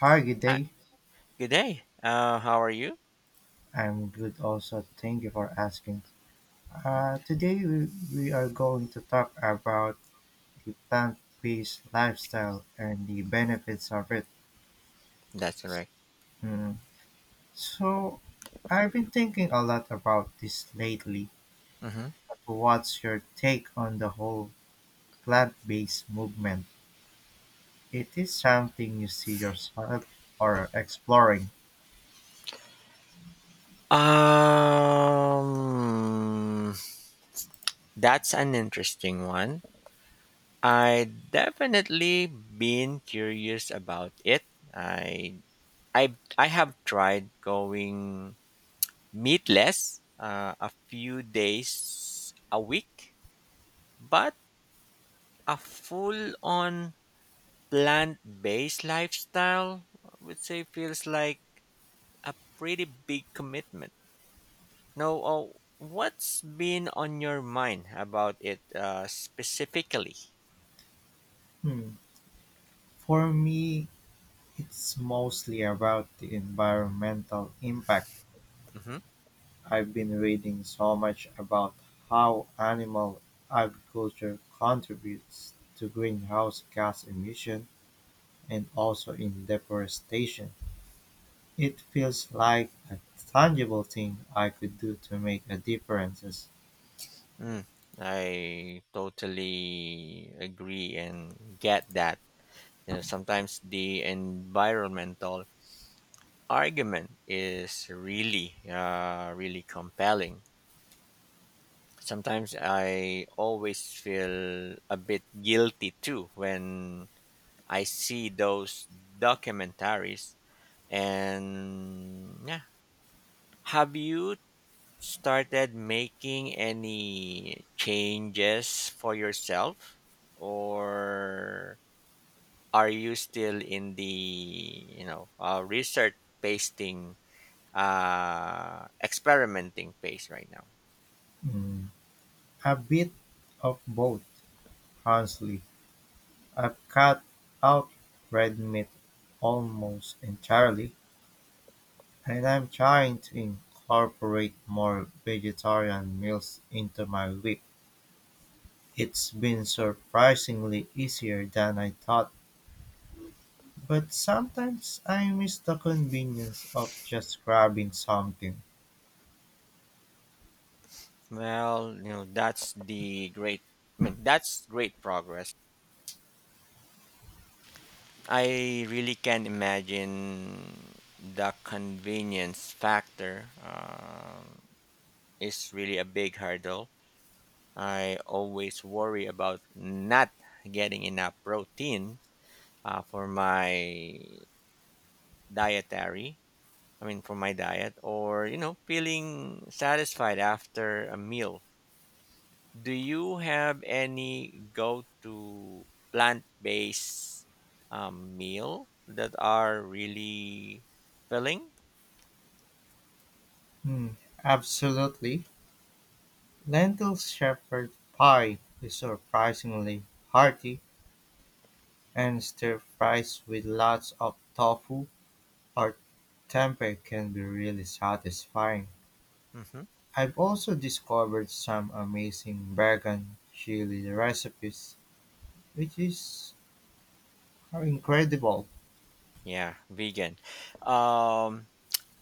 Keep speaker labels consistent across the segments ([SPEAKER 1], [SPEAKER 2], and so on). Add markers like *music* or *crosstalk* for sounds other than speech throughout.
[SPEAKER 1] Hi, good
[SPEAKER 2] Hi.
[SPEAKER 1] day.
[SPEAKER 2] Good day. How are you?
[SPEAKER 1] I'm good also. Thank you for asking.
[SPEAKER 2] Mhm.
[SPEAKER 1] Today we are going to talk about the plant-based lifestyle and the benefits of it.
[SPEAKER 2] That's correct.
[SPEAKER 1] Mm. So, I've been thinking a lot about this lately.
[SPEAKER 2] Hmm.
[SPEAKER 1] But what's your take on the whole plant-based movement? It is something you see yourself or exploring.
[SPEAKER 2] Um, that's an interesting one. I definitely been curious about it. I I I have tried going meatless a few days a week, but a full on plant based lifestyle I would say feels like a pretty big commitment. Now, what's been on your mind about it specifically?
[SPEAKER 1] Hmm. For me, it's mostly about the environmental impact.
[SPEAKER 2] Hmm.
[SPEAKER 1] I've been reading so much about how animal agriculture contributes to greenhouse gas emission and also in deforestation. It feels like a tangible thing I could do to make a difference.
[SPEAKER 2] Mm, I totally agree and get that. You know, sometimes the environmental argument is really compelling. Sometimes I always feel a bit guilty too when I see those documentaries. And yeah, have you started making any changes for yourself, or are you still in the research pasting experimenting phase right now?
[SPEAKER 1] Mm, a bit of both, honestly. I've cut out red meat almost entirely, and I'm trying to incorporate more vegetarian meals into my week. It's been surprisingly easier than I thought, but sometimes I miss the convenience of just grabbing something.
[SPEAKER 2] Well, that's the great I mean that's great progress. I really can imagine the convenience factor is really a big hurdle. I always worry about not getting enough protein uh, for my dietary, I mean, for my diet, or, feeling satisfied after a meal. Do you have any go to plant based meal that are really filling?
[SPEAKER 1] Hmm, absolutely. Lentil shepherd pie is surprisingly hearty, and stir fries with lots of tofu or tempeh can be really satisfying.
[SPEAKER 2] Hmm.
[SPEAKER 1] I've also discovered some amazing vegan chili recipes, which is incredible.
[SPEAKER 2] Yeah, vegan. Um,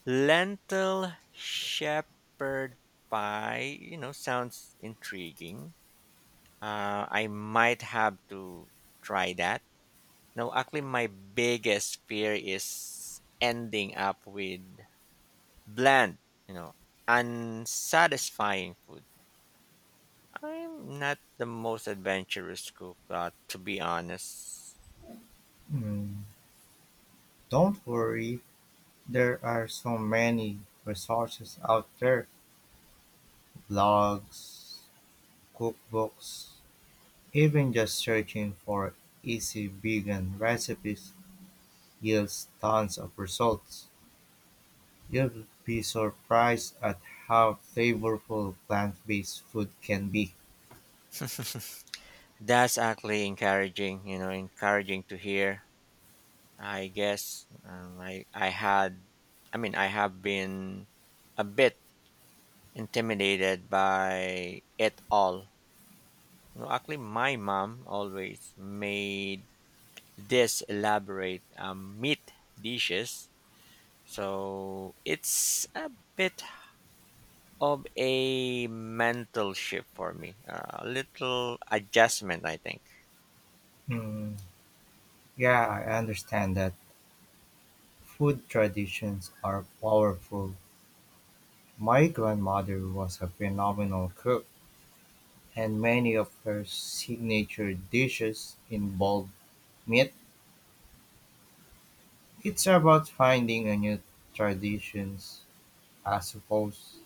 [SPEAKER 2] Lentil shepherd pie, sounds intriguing. I might have to try that. No, actually, my biggest fear is ending up with bland, you know, unsatisfying food. I'm not the most adventurous cook, to be honest.
[SPEAKER 1] Hmm. Don't worry, there are so many resources out there, blogs, cookbooks, even just searching for easy vegan recipes yields tons of results. You'll be surprised at how flavorful plant-based food can be.
[SPEAKER 2] That's actually encouraging to hear. I guess , I mean, I have been a bit intimidated by it all. No, actually, my mom always made this elaborate meat dishes, so it's a bit of a mental shift for me, a little adjustment, I think.
[SPEAKER 1] Hmm, yeah, I understand that food traditions are powerful. My grandmother was a phenomenal cook and many of her signature dishes involve meat. It's about finding a new traditions, I suppose.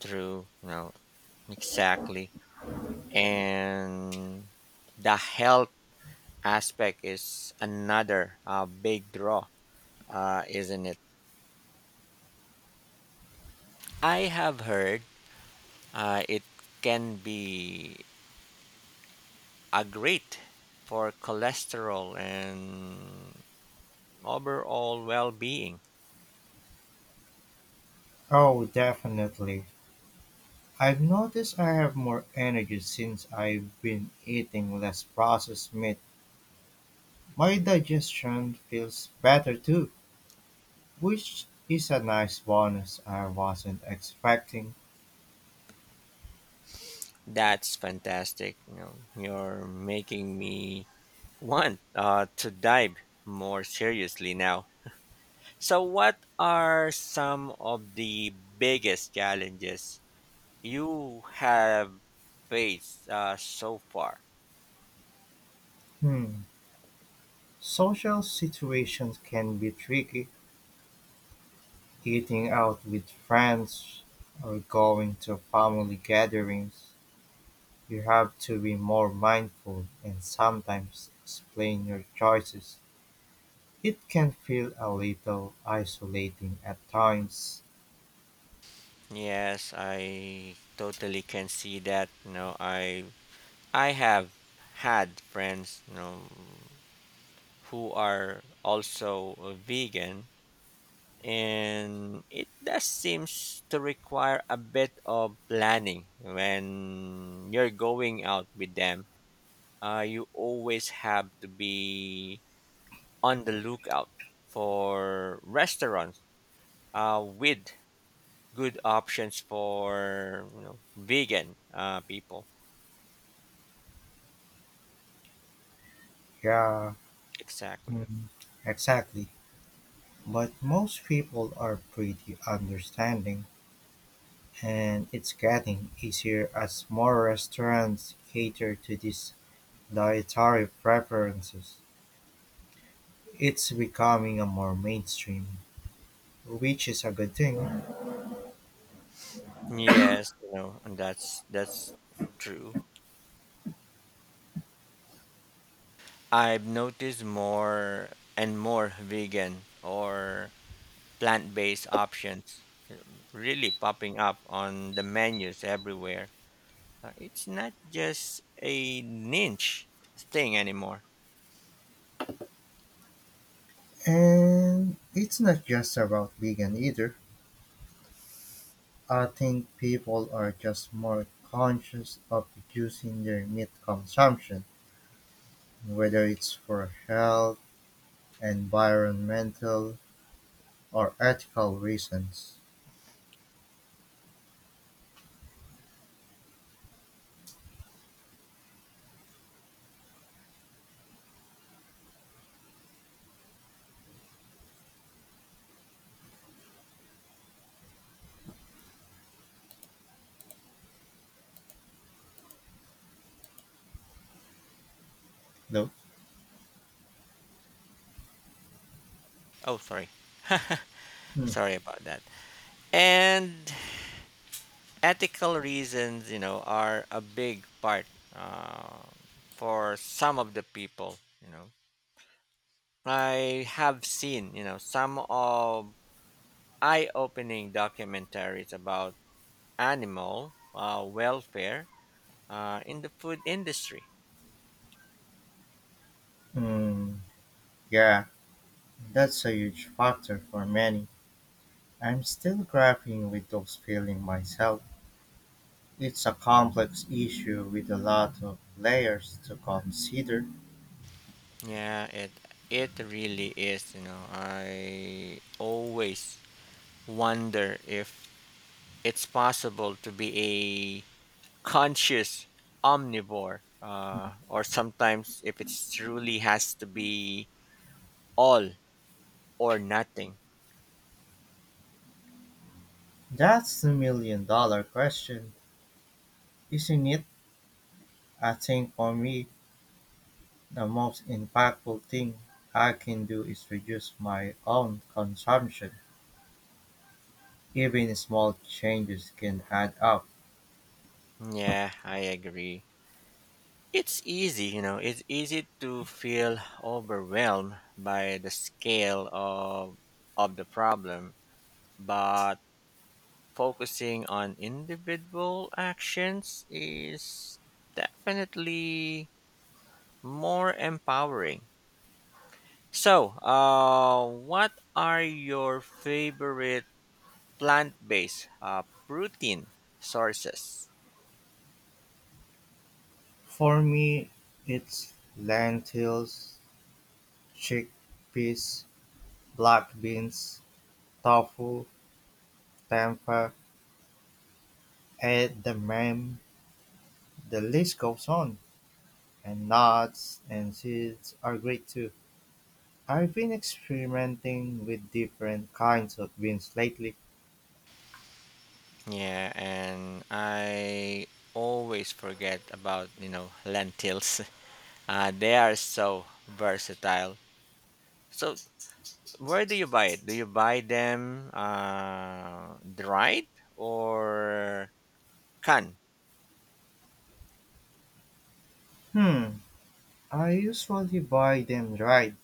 [SPEAKER 2] True, no, exactly, and the health aspect is another big draw, isn't it? I have heard it can be a great for cholesterol and overall well-being.
[SPEAKER 1] Oh, definitely. I've noticed I have more energy since I've been eating less processed meat. My digestion feels better too, which is a nice bonus I wasn't expecting.
[SPEAKER 2] That's fantastic. You know, you're making me want to dive more seriously now. So, what are some of the biggest challenges you have faced so far?
[SPEAKER 1] Hmm. Social situations can be tricky. Eating out with friends or going to family gatherings, you have to be more mindful and sometimes explain your choices. It can feel a little isolating at times.
[SPEAKER 2] Yes, I totally can see that. You know, I have had friends, who are also vegan, and it does seems to require a bit of planning when you're going out with them. You always have to be on the lookout for restaurants with good options for vegan people.
[SPEAKER 1] Yeah, mm,
[SPEAKER 2] Exactly.
[SPEAKER 1] exactly. But most people are pretty understanding, and it's getting easier as more restaurants cater to these dietary preferences. It's becoming a more mainstream, which is a good thing.
[SPEAKER 2] Yes, and that's true. I've noticed more and more vegan or plant-based options really popping up on the menus everywhere. It's not just a niche thing anymore.
[SPEAKER 1] And it's not just about vegan either. I think people are just more conscious of reducing their meat consumption, whether it's for health, environmental, or ethical reasons. Though,
[SPEAKER 2] Oh, sorry.
[SPEAKER 1] hmm,
[SPEAKER 2] Sorry about that. And ethical reasons, are a big part uh, for some of the people. I have seen some of eye-opening documentaries about animal welfare in the food industry.
[SPEAKER 1] hmm, yeah, that's a huge factor for many. I'm still grappling with those feelings myself. It's a complex issue with a lot of layers to consider.
[SPEAKER 2] Yeah, it really is. You know, I always wonder if it's possible to be a conscious omnivore, or sometimes if it truly has to be all or nothing.
[SPEAKER 1] That's the million dollar question, isn't it? I think for me, the most impactful thing I can do is reduce my own consumption. Even small changes can add up.
[SPEAKER 2] Yeah, I agree. It's easy to feel overwhelmed by the scale of the problem, but focusing on individual actions is definitely more empowering. So, what are your favorite plant based protein sources?
[SPEAKER 1] For me, it's lentils, chickpeas, black beans, tofu, tempeh, edamame. The list goes on. And nuts and seeds are great too. I've been experimenting with different kinds of beans lately.
[SPEAKER 2] Yeah, and I always forget about lentils. They are so versatile. So, where do you buy it? Do you buy them dried or can
[SPEAKER 1] Hmm, I usually buy them dried.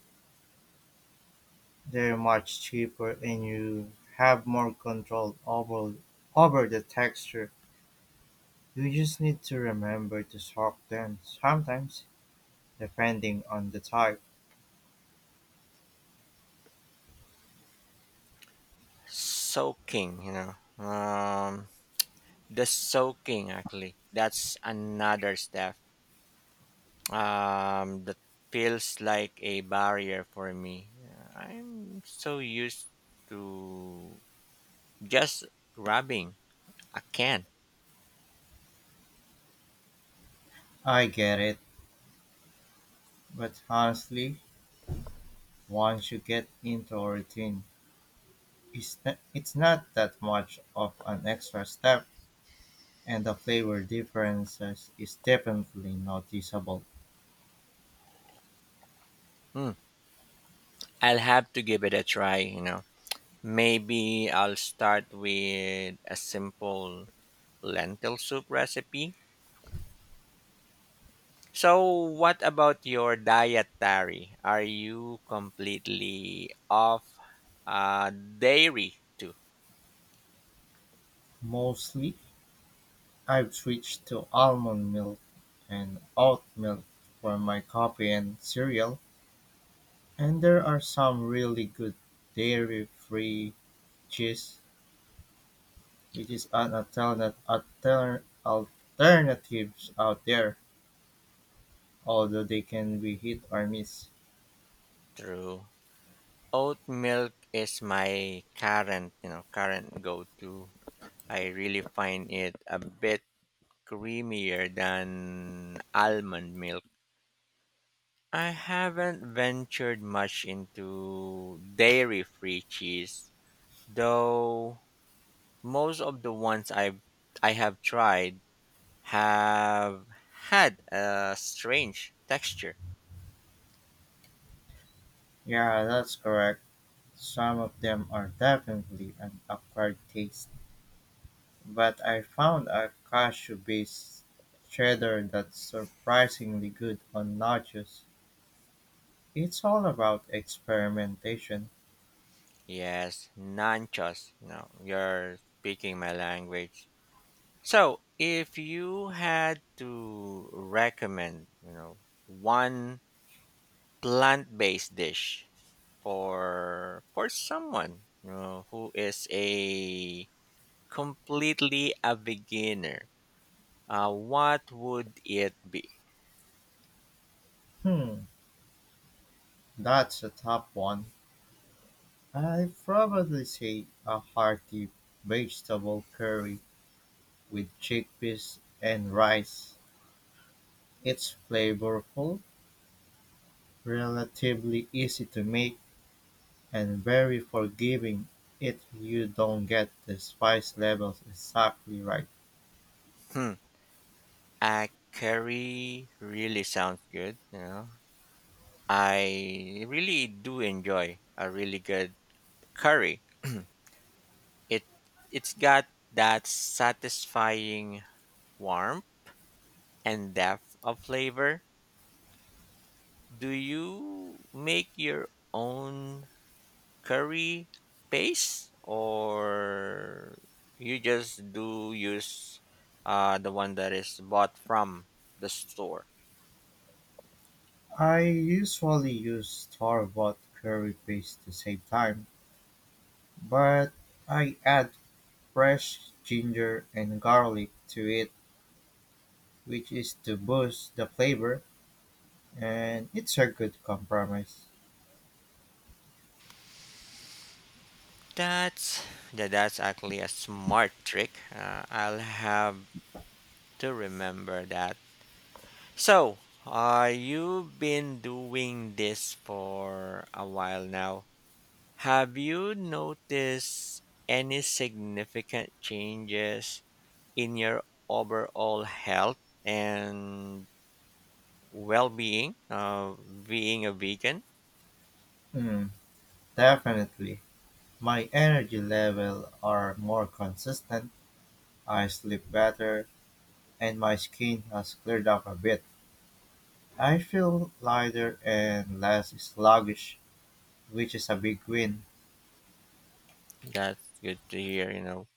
[SPEAKER 1] They're much cheaper and you have more control over the texture. You just need to remember to soak them sometimes, depending on the type.
[SPEAKER 2] soaking? Um, the soaking actually. That's another step that feels like a barrier for me. I'm so used to just grabbing a can.
[SPEAKER 1] I get it, but honestly, once you get into a routine, it's not that much of an extra step. And the flavor differences is definitely noticeable.
[SPEAKER 2] Hmm, I'll have to give it a try. Maybe I'll start with a simple lentil soup recipe. So, what about your dietary? Are you completely off dairy too?
[SPEAKER 1] Mostly, I've switched to almond milk and oat milk for my coffee and cereal. And there are some really good dairy-free cheese, which is an alternatives out there, although they can be hit or miss.
[SPEAKER 2] True. Oat milk is my current go-to. I really find it a bit creamier than almond milk. I haven't ventured much into dairy-free cheese though most of the ones I have tried have had a strange texture.
[SPEAKER 1] Yeah, that's correct. Some of them are definitely an acquired taste. But I found a cashew based cheddar that's surprisingly good on nachos. It's all about experimentation.
[SPEAKER 2] Yes, nanchos. No, you're speaking my language. So, if you had to recommend one plant-based dish for someone who is a completely a beginner, what would it be?
[SPEAKER 1] Hmm, that's a tough one. I'd probably say a hearty vegetable curry with chickpeas and rice. It's flavorful, relatively easy to make, and very forgiving if you don't get the spice levels exactly right.
[SPEAKER 2] Hmm. Curry really sounds good. I really do enjoy a really good curry. It it's got that satisfying warmth and depth of flavor. Do you make your own curry paste or you just do use the one that is bought from the store?
[SPEAKER 1] I usually use store-bought curry paste to save time, but I add fresh ginger and garlic to it, which is to boost the flavor, and it's a good compromise.
[SPEAKER 2] That's that's actually a smart trick. I'll have to remember that. So, you've been doing this for a while now. Have you noticed any significant changes in your overall health and well-being? Being a vegan.
[SPEAKER 1] Mm, definitely. My energy level are more consistent, I sleep better, and my skin has cleared up a bit. I feel lighter and less sluggish, which is a big win.
[SPEAKER 2] That's good to hear. You know,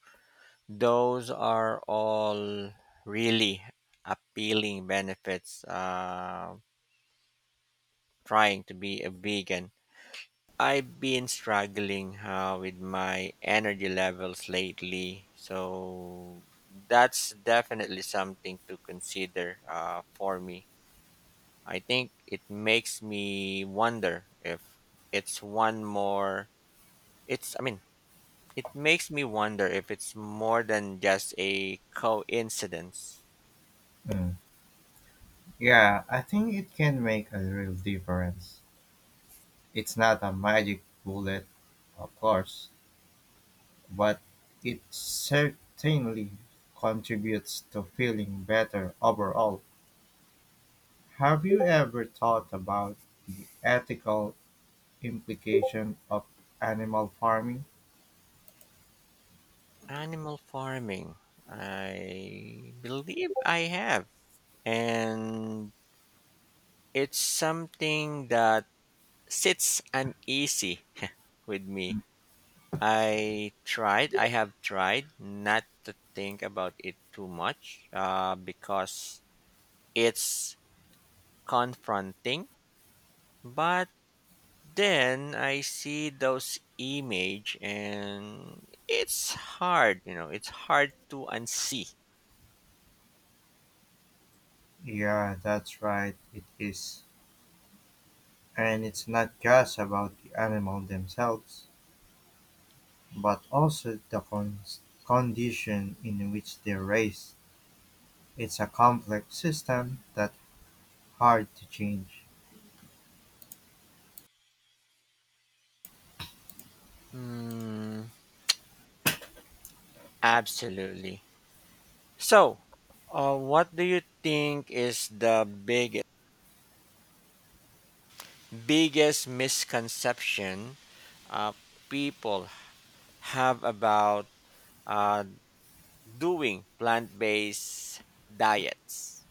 [SPEAKER 2] those are all really appealing benefits trying to be a vegan. I've been struggling with my energy levels lately, so that's definitely something to consider for me. I think it makes me wonder if it's one more, it's, I mean, it makes me wonder if it's more than just a coincidence.
[SPEAKER 1] Mm. Yeah, I think it can make a real difference. It's not a magic bullet, of course, but it certainly contributes to feeling better overall. Have you ever thought about the ethical implication of animal farming?
[SPEAKER 2] Animal farming. I believe I have. And it's something that sits uneasy with me. I have tried not to think about it too much because it's confronting. But then I see those image and it's hard to unsee.
[SPEAKER 1] Yeah, that's right, it is. And it's not just about the animal themselves, but also the condition in which they're raised. It's a complex system that's hard to change.
[SPEAKER 2] Mm, absolutely. So, what do you think is the biggest misconception uh, people have about uh, doing plant-based diets?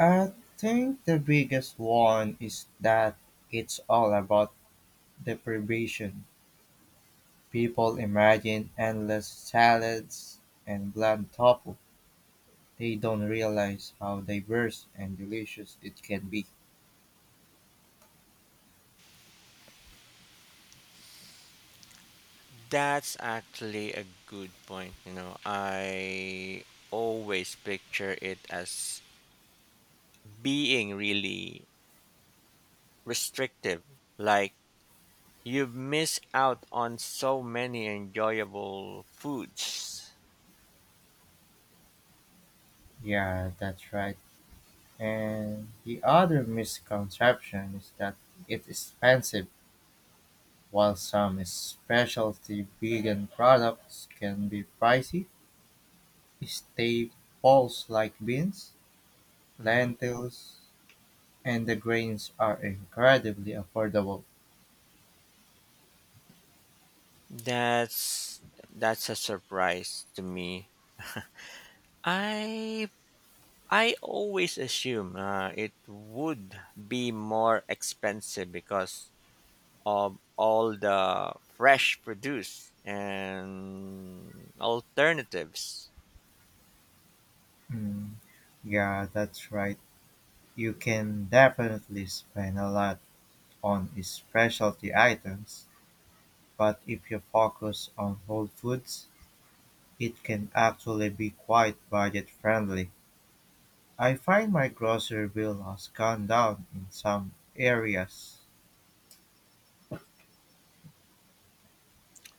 [SPEAKER 1] I think the biggest one is that it's all about deprivation. People imagine endless salads and bland tofu. They don't realize how diverse and delicious it can be.
[SPEAKER 2] That's actually a good point. You know, I always picture it as being really restrictive. Like you miss out on so many enjoyable foods.
[SPEAKER 1] Yeah, that's right. And the other misconception is that it's expensive. While some specialty vegan products can be pricey, staples like beans,
[SPEAKER 2] Mhm.
[SPEAKER 1] lentils, and the grains are incredibly affordable.
[SPEAKER 2] That's that's a surprise to me. I I always assume it would be more expensive because of all the fresh produce and alternatives.
[SPEAKER 1] Mm, yeah, that's right. You can definitely spend a lot on specialty items, but if you focus on whole foods, it can actually be quite budget friendly. I find my grocery bill has gone down in some areas.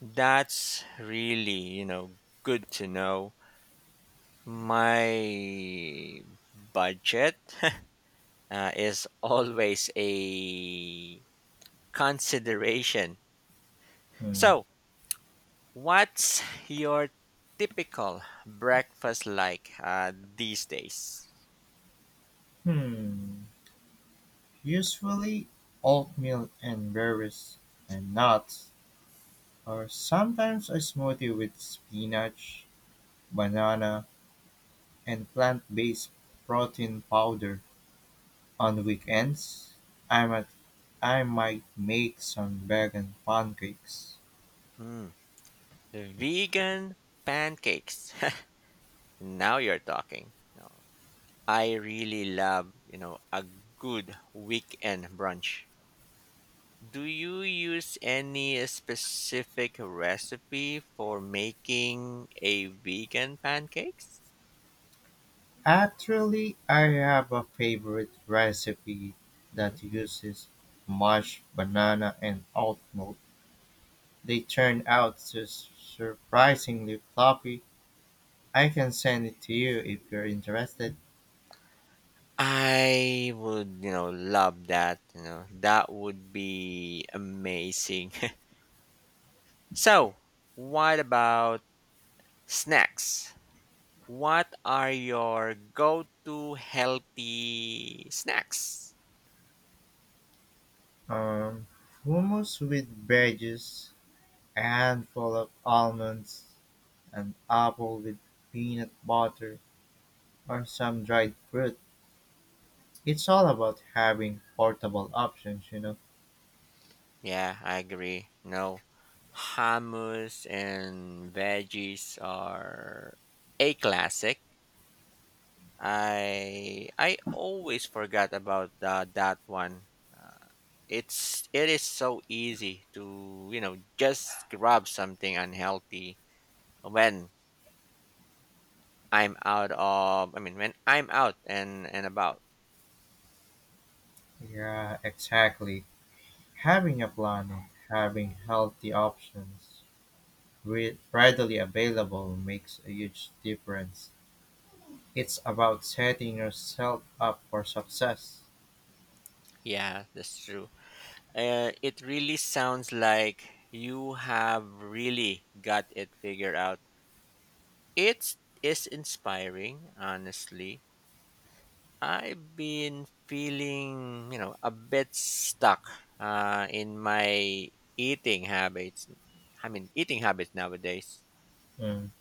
[SPEAKER 2] That's really good to know. My budget *laughs* is always a consideration.
[SPEAKER 1] Hmm.
[SPEAKER 2] So, what's your typical breakfast like these days?
[SPEAKER 1] Hmm. Usually oatmeal and berries and nuts, or sometimes a smoothie with spinach, banana, and plant-based protein powder. On weekends, I might, I might make some vegan pancakes.
[SPEAKER 2] Mm, vegan pancakes. *laughs* Now you're talking. No, I really love a good weekend brunch. Do you use any specific recipe for making a vegan pancakes?
[SPEAKER 1] Actually, I have a favorite recipe
[SPEAKER 2] Mhm.
[SPEAKER 1] that uses mashed banana and oat milk. They turn out surprisingly fluffy. I can send it to you if you're interested.
[SPEAKER 2] I would love that. You know, that would be amazing. So, what about snacks? What are your go to healthy snacks?
[SPEAKER 1] Um, hummus with veggies, a handful of almonds, an apple with peanut butter, or some dried fruit. It's all about having portable options, you know?
[SPEAKER 2] Yeah, I agree. No, hummus and veggies are a classic. I always forgot about that one. Uh, it is so easy to just grab something unhealthy when I'm out of, I mean, when I'm out and about.
[SPEAKER 1] Yeah, exactly. Having a plan and having healthy options readily available makes a huge difference. It's about setting yourself up for success.
[SPEAKER 2] Yeah, that's true. It really sounds like you have really got it figured out. It is inspiring, honestly. I've been feeling a bit stuck in my eating habits. I mean, eating habits nowadays.
[SPEAKER 1] Mm.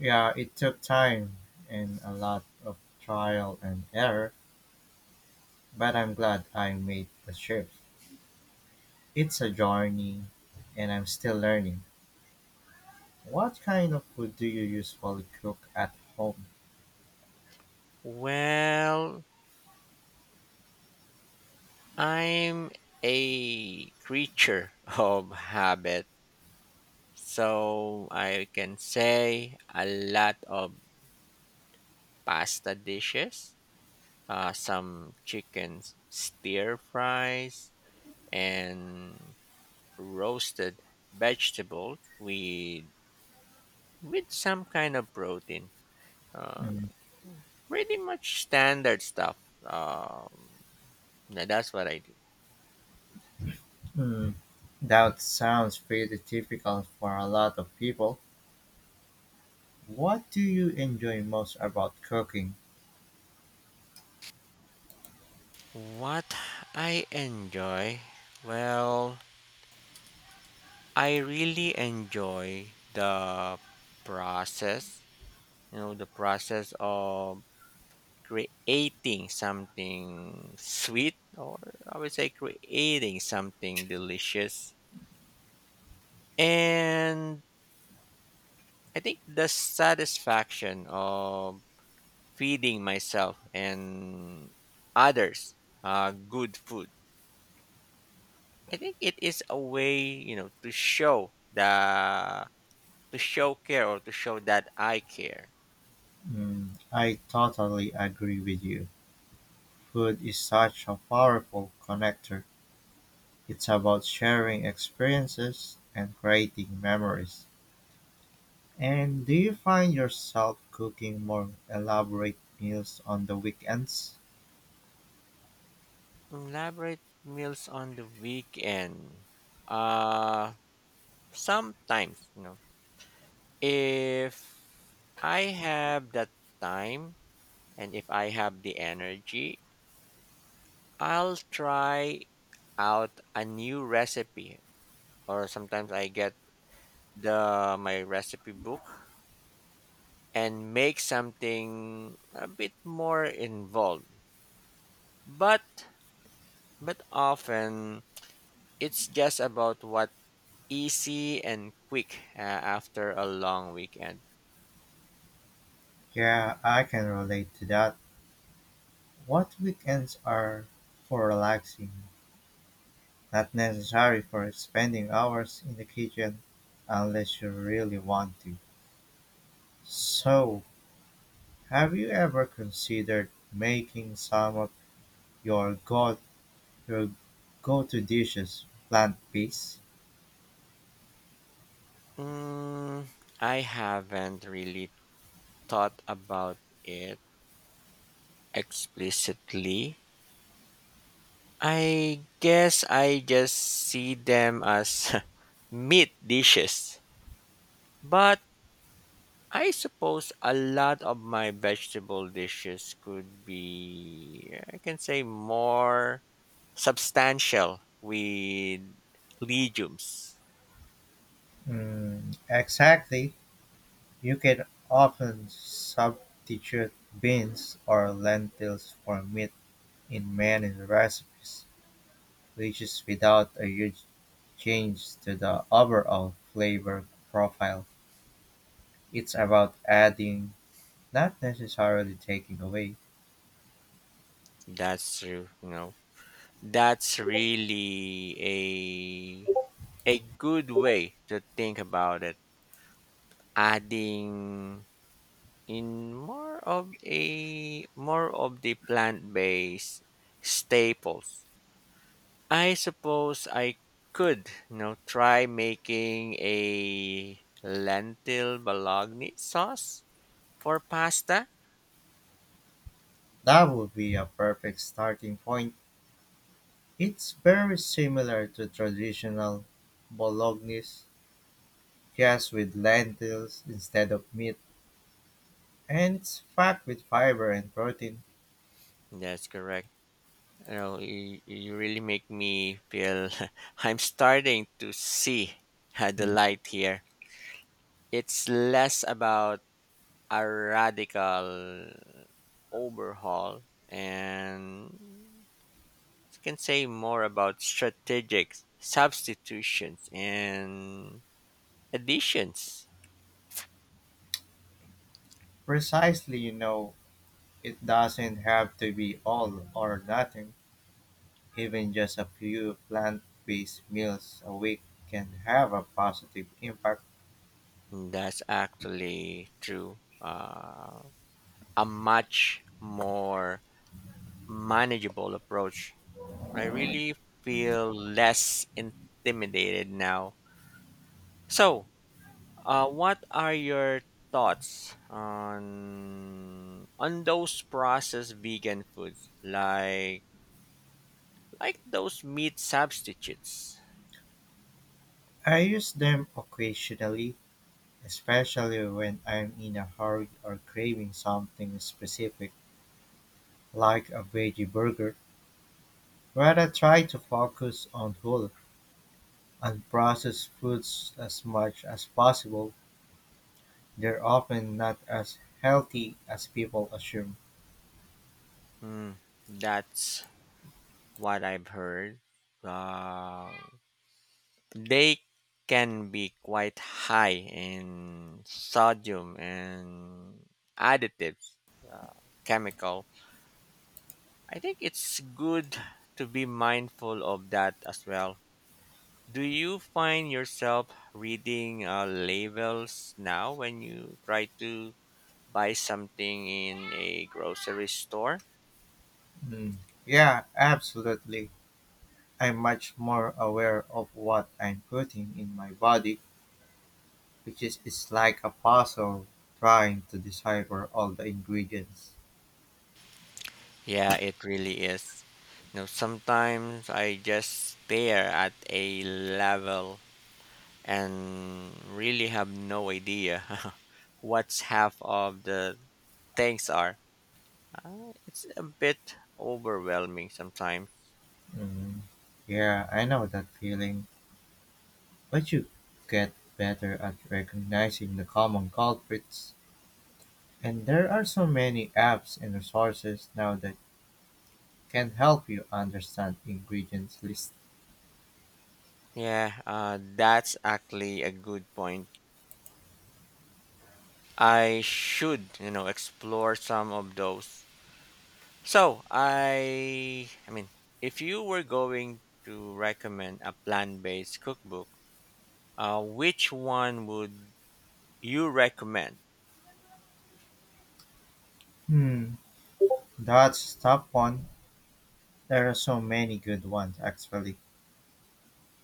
[SPEAKER 1] Yeah, it took time and a lot of trial and error, but I'm glad I made the shift. It's a journey and I'm still learning. What kind of food do you usually cook at home?
[SPEAKER 2] Well, I'm a creature *laughs* of habit. So I can say a lot of pasta dishes, some chicken stir fries, and roasted vegetables with some kind of protein. Uh,
[SPEAKER 1] Mm,
[SPEAKER 2] pretty much standard stuff. Um, yeah, that's what I do.
[SPEAKER 1] mm, that sounds pretty typical for a lot of people. What do you enjoy most about cooking?
[SPEAKER 2] What I enjoy? Well, I really enjoy the process the process of creating something sweet, or I would say creating something delicious, and I think the satisfaction of feeding myself and others good food, I think it is a way to show care, or to show that I care.
[SPEAKER 1] Mm, I totally agree with you. Food is such a powerful connector. It's about sharing experiences and creating memories. And do you find yourself cooking more elaborate meals on the weekends?
[SPEAKER 2] Elaborate meals on the weekend. uh Sometimes, if I have the time, and if I have the energy, I'll try out a new recipe, or sometimes I get the my recipe book and make something a bit more involved, but but often it's just about what easy and quick, after a long weekend.
[SPEAKER 1] Yeah, I can relate to that. What weekends are for relaxing, not necessary for spending hours in the kitchen unless you really want to. So, have you ever considered making some of your go your go-to dishes plant-based?
[SPEAKER 2] mm, I haven't really thought about it explicitly. I guess I just see them as *laughs* meat dishes. But I suppose a lot of my vegetable dishes could be, I can say, more substantial with legumes.
[SPEAKER 1] Mm, exactly, you can often substitute beans or lentils for meat in many recipes, which is without a huge change to the overall flavor profile. It's about adding, not necessarily taking away.
[SPEAKER 2] That's true. That's really a good way to think about it. Adding in more of the plant-based staples. I suppose I could try making a lentil bologna sauce for pasta.
[SPEAKER 1] That would be a perfect starting point. It's very similar to traditional bolognese, just with lentils instead of meat. And it's packed with fiber and protein.
[SPEAKER 2] That's correct. You know, you really make me feel *laughs* I'm starting to see *laughs* the
[SPEAKER 1] Hmm.
[SPEAKER 2] light here. It's less about a radical overhaul, and you can say more about strategic substitutions and additions.
[SPEAKER 1] Precisely, you know, it doesn't have to be all or nothing. Even just a few plant based meals a week can have a positive impact.
[SPEAKER 2] That's actually true. A much more manageable approach. I really feel less intimidated now. So, what are your thoughts on those processed vegan foods like those meat substitutes?
[SPEAKER 1] I use them occasionally, especially when I'm in a hurry or craving something specific, like a veggie burger. But I try to focus on whole and processed foods as much as possible. They're often not as healthy as people assume.
[SPEAKER 2] Hmm, that's what I've heard. Uh, they can be quite high in sodium and additives, uh, chemical. I think it's good to be mindful of that as well. Do you find yourself reading labels now when you try to buy something in a grocery store?
[SPEAKER 1] Mm. Yeah, absolutely. I'm much more aware of what I'm putting in my body, which is it's like a puzzle trying to decipher all the ingredients.
[SPEAKER 2] Yeah, it really is. You know, sometimes I just stare at a level and really have no idea *laughs* what's half of the things are. It's a bit overwhelming sometimes.
[SPEAKER 1] Mm. Yeah, I know that feeling. But you get better at recognizing the common culprits. And there are so many apps and resources now that can help you understand ingredients list.
[SPEAKER 2] Yeah, that's actually a good point. I should explore some of those. So, if you were going to recommend a plant-based cookbook, which one would you recommend?
[SPEAKER 1] Hmm. That's tough one. There are so many good ones actually.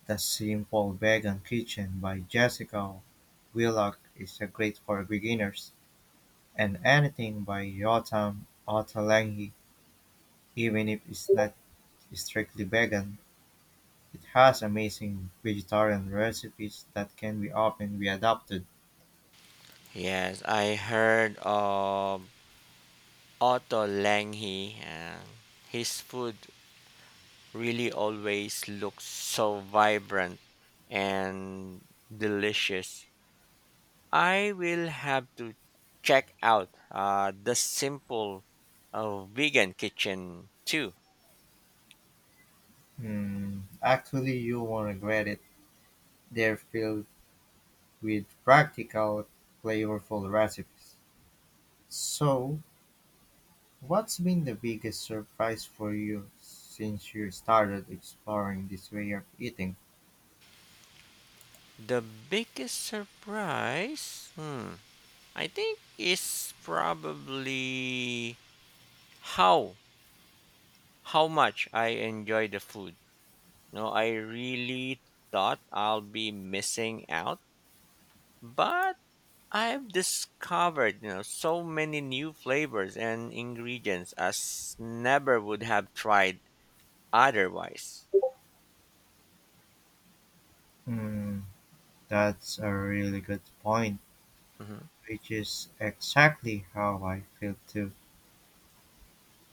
[SPEAKER 1] The Simple Vegan Kitchen by Jessica Willock is a great for beginners, and anything by Yotam Ottolenghi, even if it's not strictly vegan, it has amazing vegetarian recipes that can be often be adapted.
[SPEAKER 2] Yes, I heard of Otto Lange, and his food really always looks so vibrant and delicious. I will have to check out the simple vegan kitchen too.
[SPEAKER 1] Hmm, actually, you won't regret it. They're filled with practical, flavorful recipes. So, what's been the biggest surprise for you since you started exploring this way of eating?
[SPEAKER 2] The biggest surprise, hmm, I think is probably how how much I enjoy the food. No, I really thought I'll be missing out, but I've discovered, you know, so many new flavors and ingredients never would have tried otherwise.
[SPEAKER 1] Hmm, that's a really good point,
[SPEAKER 2] Hmm.
[SPEAKER 1] which is exactly how I feel too.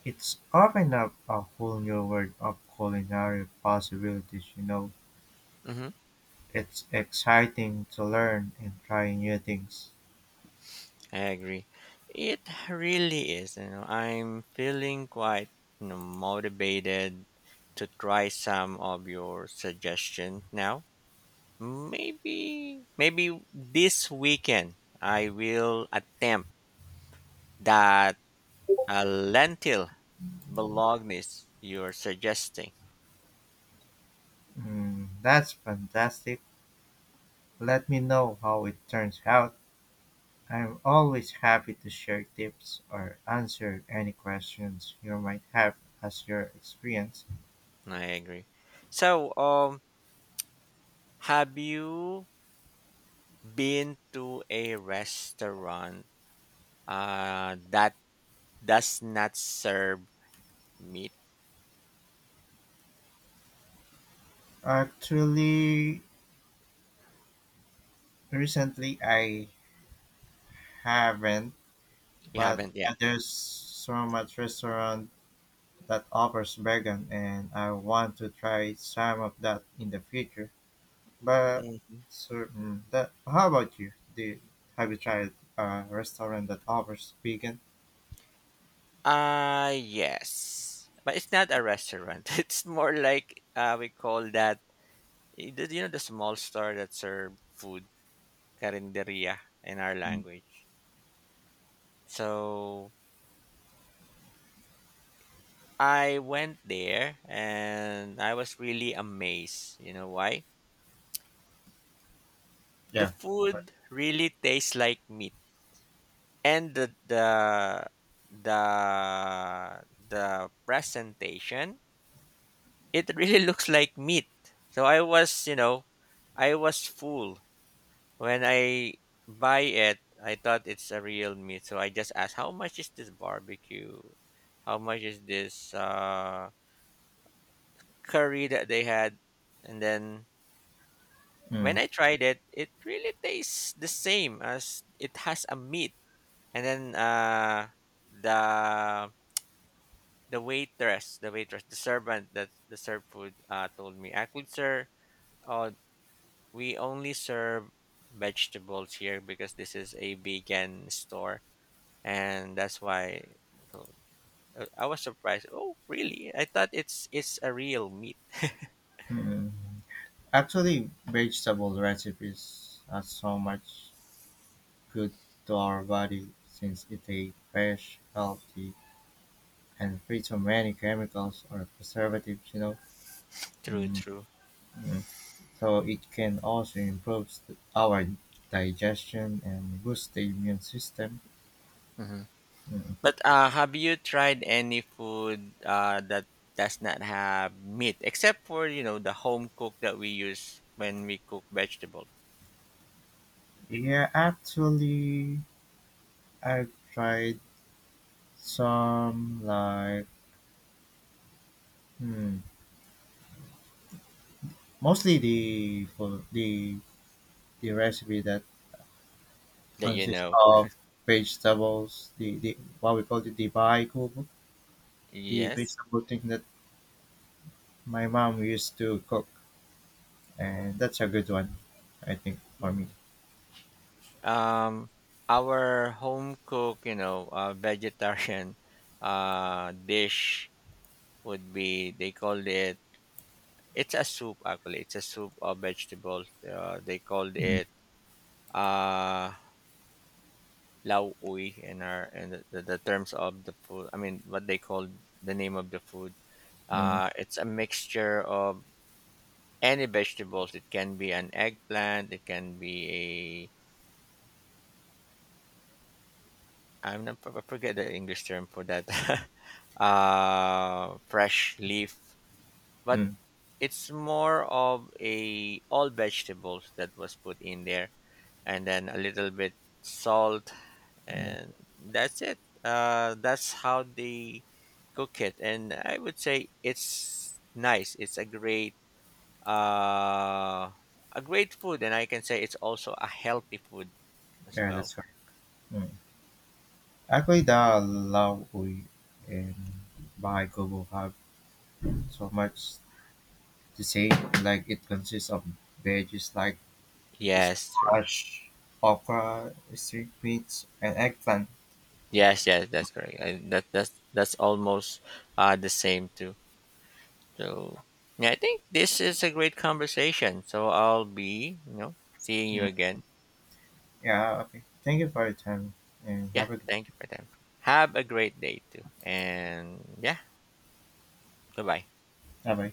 [SPEAKER 1] It's opened up a whole new world of culinary possibilities, you know.
[SPEAKER 2] Hmm.
[SPEAKER 1] It's exciting to learn and try new things.
[SPEAKER 2] I agree. It really is, you know, I'm feeling quite, you know, motivated to try some of your suggestions now. Maybe this weekend I will attempt that a lentil bolognese you're suggesting.
[SPEAKER 1] Hmm, that's fantastic. Let me know how it turns out. I am always happy to share tips or answer any questions you might have as your experience.
[SPEAKER 2] I agree. So, have you been to a restaurant that does not serve meat?
[SPEAKER 1] Actually, recently I haven't,
[SPEAKER 2] You
[SPEAKER 1] but
[SPEAKER 2] haven't yet.
[SPEAKER 1] there's so much restaurant that offers vegan, and I want to try some of that in the future. But
[SPEAKER 2] Mhm.
[SPEAKER 1] certain that, how about you? Do have you tried a restaurant that offers vegan?
[SPEAKER 2] Yes. But it's not a restaurant. *laughs* It's more like we call that, you know, the small store that serve food, carinderia in our
[SPEAKER 1] Mm,
[SPEAKER 2] language. So I went there and I was really amazed. You know why? The
[SPEAKER 1] yeah. But,
[SPEAKER 2] food really tastes like meat, and the the presentation, it really *laughs* looks like meat. So I was, you know, I was full when I buy it. I thought it's a real meat, so I just asked, "How much is this barbecue? How much is this curry that they had?" And then when
[SPEAKER 1] Mm,
[SPEAKER 2] I tried it, it really tastes the same as it has a meat. And then the the waitress, the waitress, the servant that the served food told me, actually, sir, uh, we only serve vegetables here because this is a vegan store, and that's why. So, I was surprised. Oh, really? I thought it's a real meat.
[SPEAKER 1] mm, mm. Actually, vegetable recipes are so much good to our body since it is fresh, healthy, and free from many chemicals or preservatives, you know.
[SPEAKER 2] True,
[SPEAKER 1] Mm,
[SPEAKER 2] true.
[SPEAKER 1] mm. So it can also improve our digestion and boost the immune system. Mm.
[SPEAKER 2] But, have you tried any food, that does not have meat except for, you know, the home cook that we use when we cook vegetables?
[SPEAKER 1] Yeah, actually, I've tried some like hmm, mostly the for the the recipe that
[SPEAKER 2] That you
[SPEAKER 1] consists
[SPEAKER 2] know?
[SPEAKER 1] of vegetables, the what we call the baikubu, the
[SPEAKER 2] Yes?
[SPEAKER 1] vegetable thing that my mom used to cook, and that's a good one, I think, for me.
[SPEAKER 2] Mm. Um, our home cook, you know, vegetarian, *laughs* dish would be, they called it, it's a soup actually, it's a soup of vegetables. They called
[SPEAKER 1] Mm,
[SPEAKER 2] it, uh lao ui in our, in the terms of the food, I mean what they call the name of the food.
[SPEAKER 1] mm,
[SPEAKER 2] It's a mixture of any vegetables. It can be an eggplant, it can be a, I'm not, I forget the english term for that. *laughs* Fresh leaf, but
[SPEAKER 1] mm,
[SPEAKER 2] it's more of a, all vegetables that was put in there, and then a little bit salt,
[SPEAKER 1] mm.
[SPEAKER 2] and that's it. That's how they cook it, and I would say it's nice, it's uh, a great food, and I can say it's also a healthy food as
[SPEAKER 1] Yeah,
[SPEAKER 2] well.
[SPEAKER 1] that's right. Mm. Actually, the Laowi and Baikubu have so much the same. Like it consists of veggies like
[SPEAKER 2] Yes, true.
[SPEAKER 1] squash, okra, string beans, and eggplant.
[SPEAKER 2] Yes, yes, that's correct. I, that that's almost the same too. So yeah, I think this is a great conversation, so I'll be, you know, seeing you
[SPEAKER 1] Mm.
[SPEAKER 2] again.
[SPEAKER 1] Yeah, okay. Thank you for your time and
[SPEAKER 2] Yeah,
[SPEAKER 1] have a good
[SPEAKER 2] thank you for them. Have a great day too. And yeah, goodbye.
[SPEAKER 1] bye bye.